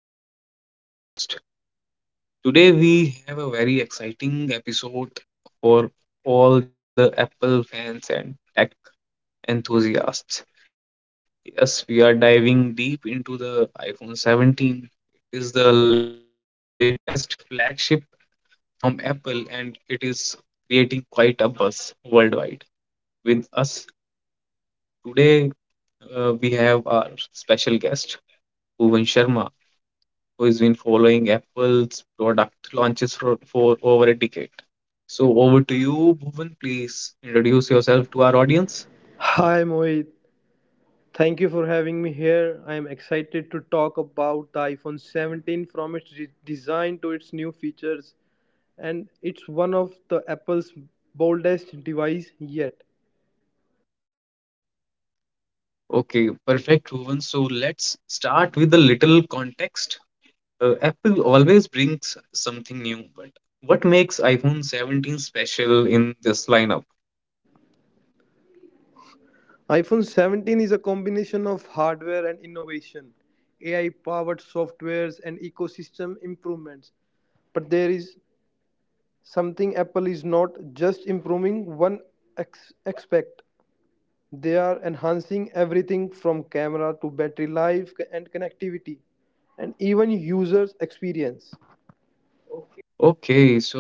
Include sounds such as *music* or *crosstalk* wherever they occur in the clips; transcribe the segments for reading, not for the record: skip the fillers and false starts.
I am your host. Today we have a very exciting episode for all the Apple fans and tech enthusiasts. Yes, we are diving deep into the iPhone 17. It is the latest flagship from Apple, and it is creating quite a buzz worldwide. With us today, we have our special guest Bhuvan Sharma, who has been following Apple's product launches for, over a decade. So, over to you, Bhuvan. Please introduce yourself to our audience. Hi Mohit, thank you for having me here. I am excited to talk about the iPhone 17 from its design to its new features, and it's one of the Apple's boldest device yet. Okay, perfect, Bhuvan. So, let's start with a little context. Apple always brings something new, but what makes iPhone 17 special in this lineup? iPhone 17 is a combination of hardware and innovation, AI powered softwares and ecosystem improvements. But there is something Apple is not just improving one aspect. They are enhancing everything from camera to battery life and connectivity and even users experience. Okay, so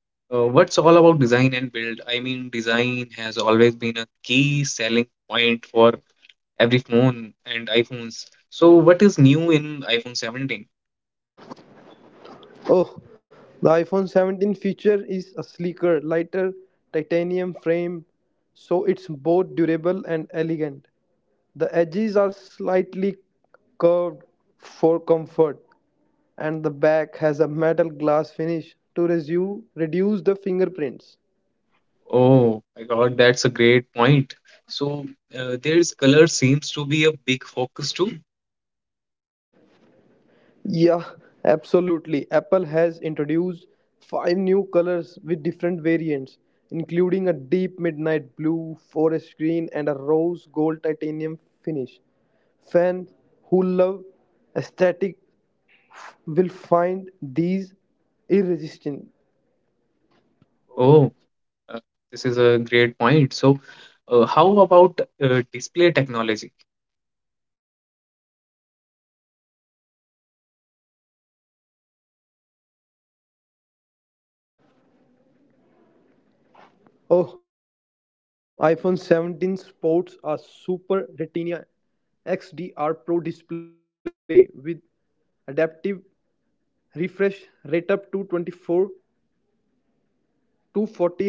What's all about design and build? I mean, design has always been a key selling point for every phone and iPhones. So, what is new in iPhone 17? Oh, the iPhone 17 feature is a sleeker, lighter titanium frame so it's both durable and elegant. The edges are slightly curved for comfort and the back has a metal glass finish to reduce the fingerprints. Oh my God, that's a great point. So, there's color seems to be a big focus too. Yeah, absolutely. Apple has introduced five new colors with different variants, including a deep midnight blue, forest green, and a rose gold titanium finish. Fans who love aesthetic will find these irresistible. Oh, uh, this is a great point. So, how about display technology? Oh, iPhone 17 sports a Super Retina XDR Pro display with adaptive refresh rate up to 24 240 Hazard.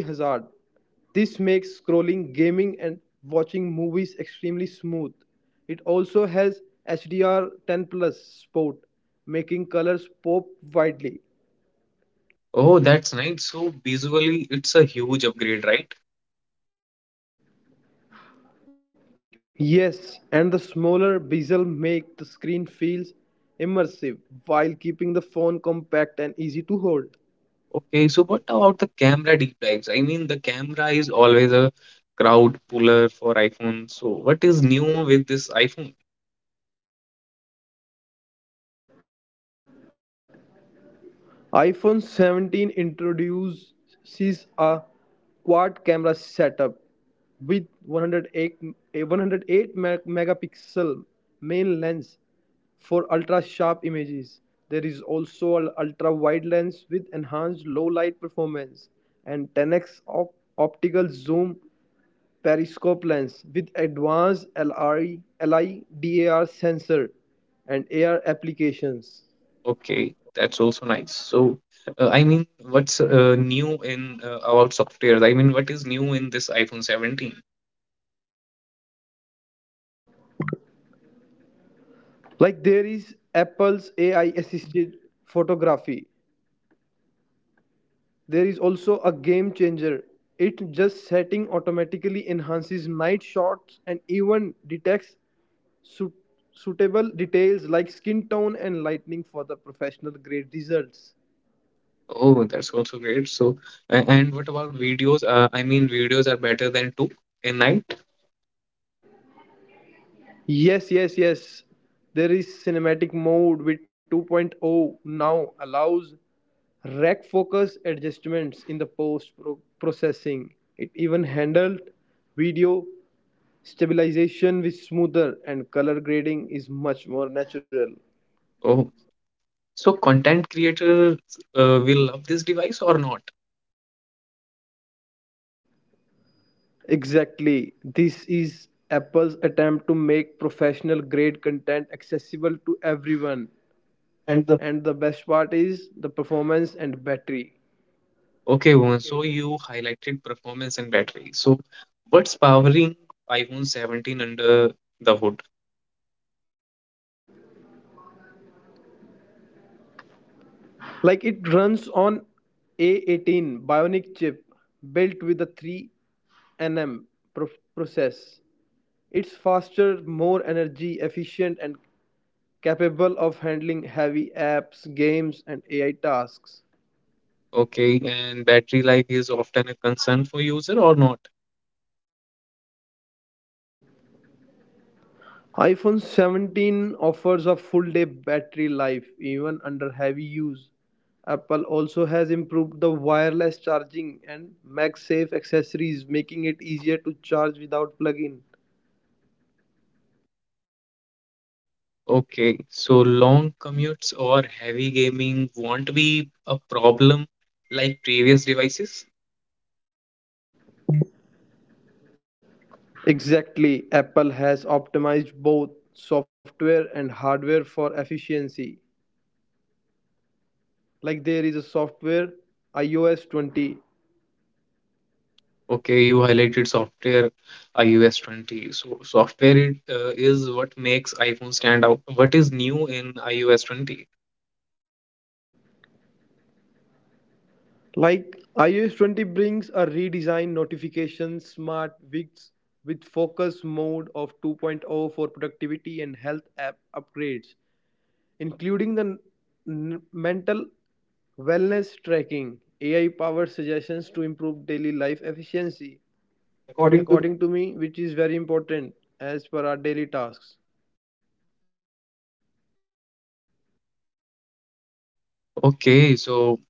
This makes scrolling, gaming, and watching movies extremely smooth. It also has HDR 10 Plus Sport, making colors pop widely. Oh, that's right. So, visually, it's a huge upgrade, right? Yes, and the smaller bezel make the screen feels immersive while keeping the phone compact and easy to hold. Okay, so what about the camera deep dives? I mean, the camera is always a crowd puller for iPhone. So what is new with this iPhone? iPhone 17 introduces a quad camera setup with 108 megapixel main lens for ultra sharp images. There is also an ultra wide lens with enhanced low light performance and 10x optical zoom periscope lens with advanced LIDAR sensor and AR applications. Okay, that's also nice. So I mean, what's new in about software? I mean, what is new in this iPhone 17? Like there is Apple's AI assisted photography. There is also a game changer. It just setting automatically enhances night shots and even detects suit- suitable details like skin tone and lighting for the professional grade results. Oh, that's also great. So and what about videos? I mean, videos are better than two in night. Yes, yes, yes, there is cinematic mode with 2.0 now allows rack focus adjustments in the post processing. It even handled video. Stabilization is smoother and color grading is much more natural. Oh, so content creators will love this device or not? Exactly. This is Apple's attempt to make professional grade content accessible to everyone. And And the best part is the performance and battery. Okay, Bhuvan, so you highlighted performance and battery. So what's powering iPhone 17 under the hood? Like it runs on A18 Bionic chip built with a 3 nm pro- process. It's faster, more energy efficient, and capable of handling heavy apps, games, and AI tasks. Okay, and battery life is often a concern for user or not? iPhone 17 offers a full day battery life even under heavy use. Apple also has improved the wireless charging and MagSafe accessories, making it easier to charge without plug-in. Okay, so long commutes or heavy gaming won't be a problem like previous devices. Exactly, Apple has optimized both software and hardware for efficiency. Like there is a software, iOS 20. Okay, you highlighted software iOS 20. So software is what makes iPhone stand out. What is new in iOS 20? Like iOS 20 brings a redesigned notification smart widgets with focus mode of 2.0 for productivity and health app upgrades, including the mental wellness tracking, AI powered suggestions to improve daily life efficiency, According to according to me, which is very important as per our daily tasks. Okay, so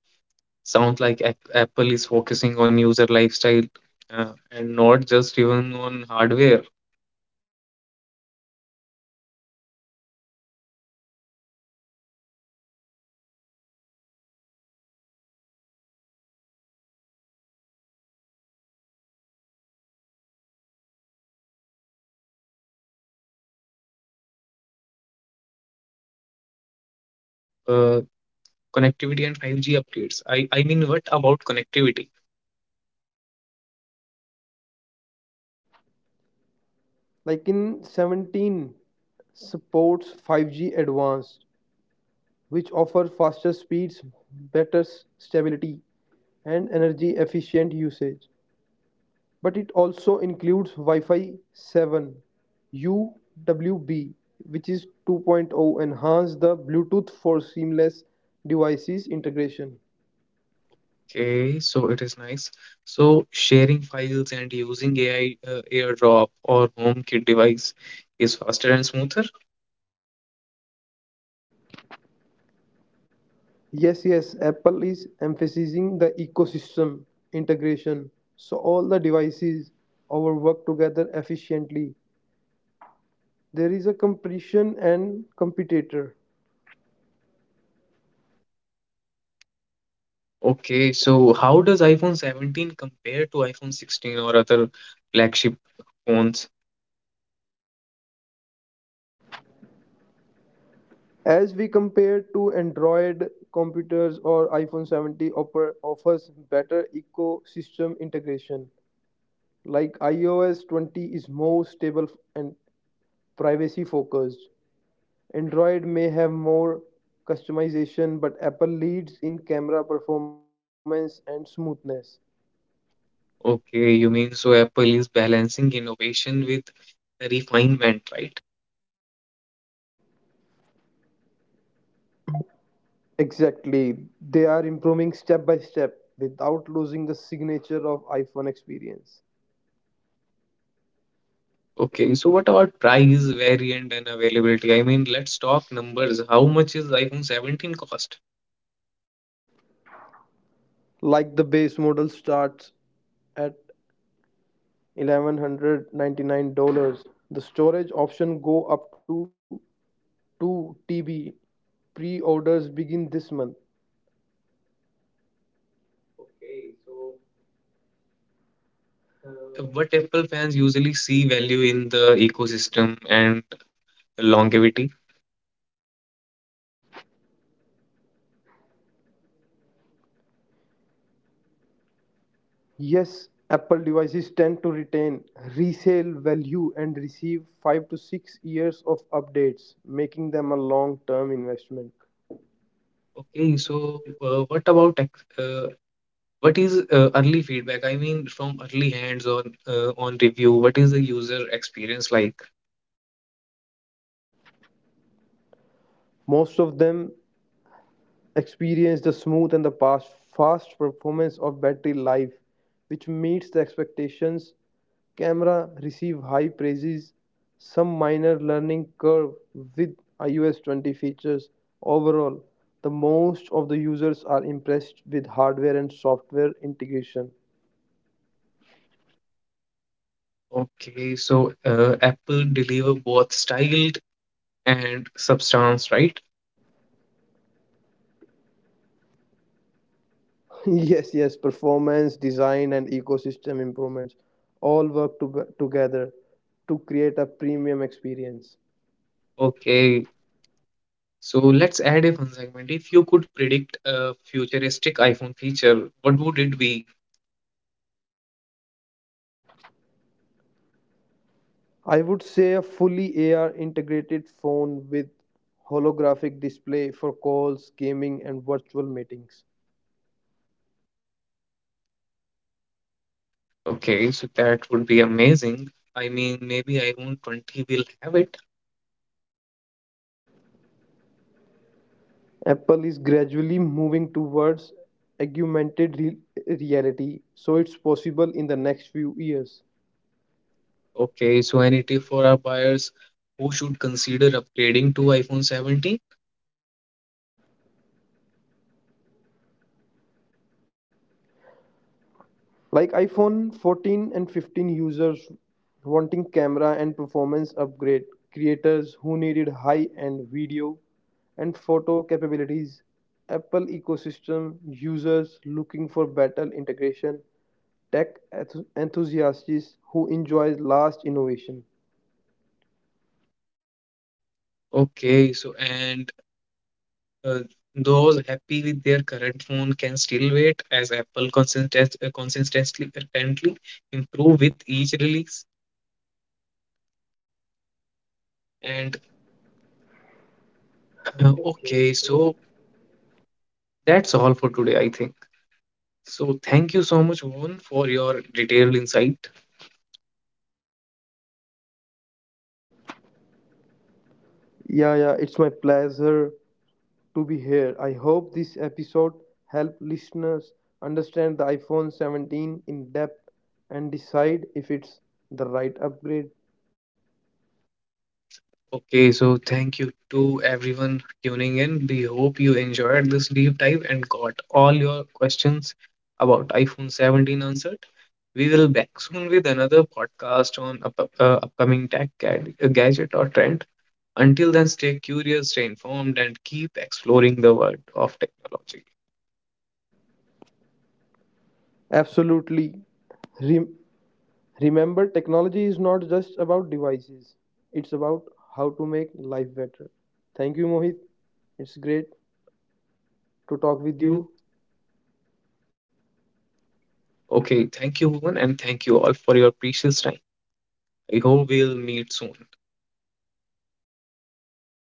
sounds like Apple is focusing on user lifestyle and not just even on hardware. Exactly. iPhone 17 and iOS 20 are designed to integrate into your life seamlessly, making daily tasks easier while maintaining privacy and security. And there is also a connectivity of 5G upgrades. Uh, Connectivity and 5G upgrades. I mean, what about connectivity? Like in 17 supports 5G Advanced, which offer faster speeds, better stability, and energy efficient usage. But it also includes Wi-Fi 7 UWB, which is 2.0 point oh, enhance the Bluetooth for seamless devices integration. Okay, so it is nice. So sharing files and using AI AirDrop or HomeKit device is faster and smoother. Yes, yes, Apple is emphasizing the ecosystem integration so all the devices our work together efficiently. There is a competition and competitor. Okay, so how does iPhone 17 compare to iPhone 16 or other flagship phones? As we compare to Android computers or iPhone 70 offers better ecosystem integration. Like iOS 20 is more stable and privacy focused. Android may have more customization, but Apple leads in camera performance and smoothness. Okay, you mean so Apple is balancing innovation with refinement, right? Exactly. They are improving step by step without losing the signature of iPhone experience. Okay, so what about price, variant, and availability? I mean, let's talk numbers. How much is iPhone 17 cost? Like the base model starts at $1199. The storage option go up to 2 TB. Pre-orders begin this month. Uh, what Apple fans usually see value in the ecosystem and longevity. Yes, Apple devices tend to retain resale value and receive 5 to 6 years of updates, making them a long-term investment. Okay, so what about what is early feedback? I mean, from early hands on review, what is the user experience like? Most of them experience the smooth and the past fast performance of battery life, which meets the expectations. Camera receive high praises, some minor learning curve with ios 20 features. Overall, the most of the users are impressed with hardware and software integration. Okay, so Apple deliver both style and substance, right? *laughs* Yes, yes, performance design and ecosystem improvements all work together to create a premium experience. Okay, so let's add a fun segment. If you could predict a futuristic iPhone feature, what would it be? I would say a fully AR integrated phone with holographic display for calls, gaming, and virtual meetings. Okay, so that would be amazing. I mean, maybe iPhone 20 will have it. Apple is gradually moving towards augmented reality, so it's possible in the next few years. Okay, so any tip for our buyers who should consider upgrading to iPhone 17? Like iPhone 14 and 15 users wanting camera and performance upgrade, creators who needed high-end video and photo capabilities, Apple ecosystem users looking for better integration, tech enthusiasts who enjoy last innovation. Okay, so and Uh, those happy with their current phone can still wait as Apple consistently apparently improve with each release. And okay, so That's all for today, I think. So thank you so much, Vivun, for your detailed insight. Yeah, yeah, it's my pleasure to be here. I hope this episode helped listeners understand the iPhone 17 in depth and decide if it's the right upgrade. Okay, so thank you to everyone tuning in. We hope you enjoyed this deep dive and got all your questions about iPhone 17 answered. We will back soon with another podcast on upcoming tech gadget or trend. Until then, stay curious, stay informed, and keep exploring the world of technology. Absolutely. Rem- remember, technology is not just about devices, it's about how to make life better. Thank Thank you, you, Mohit, Mohit. It's great for to talk talking with with you. you. Okay, thank you, Bhuvan, and thank you all for your precious time. I hope we'll meet soon.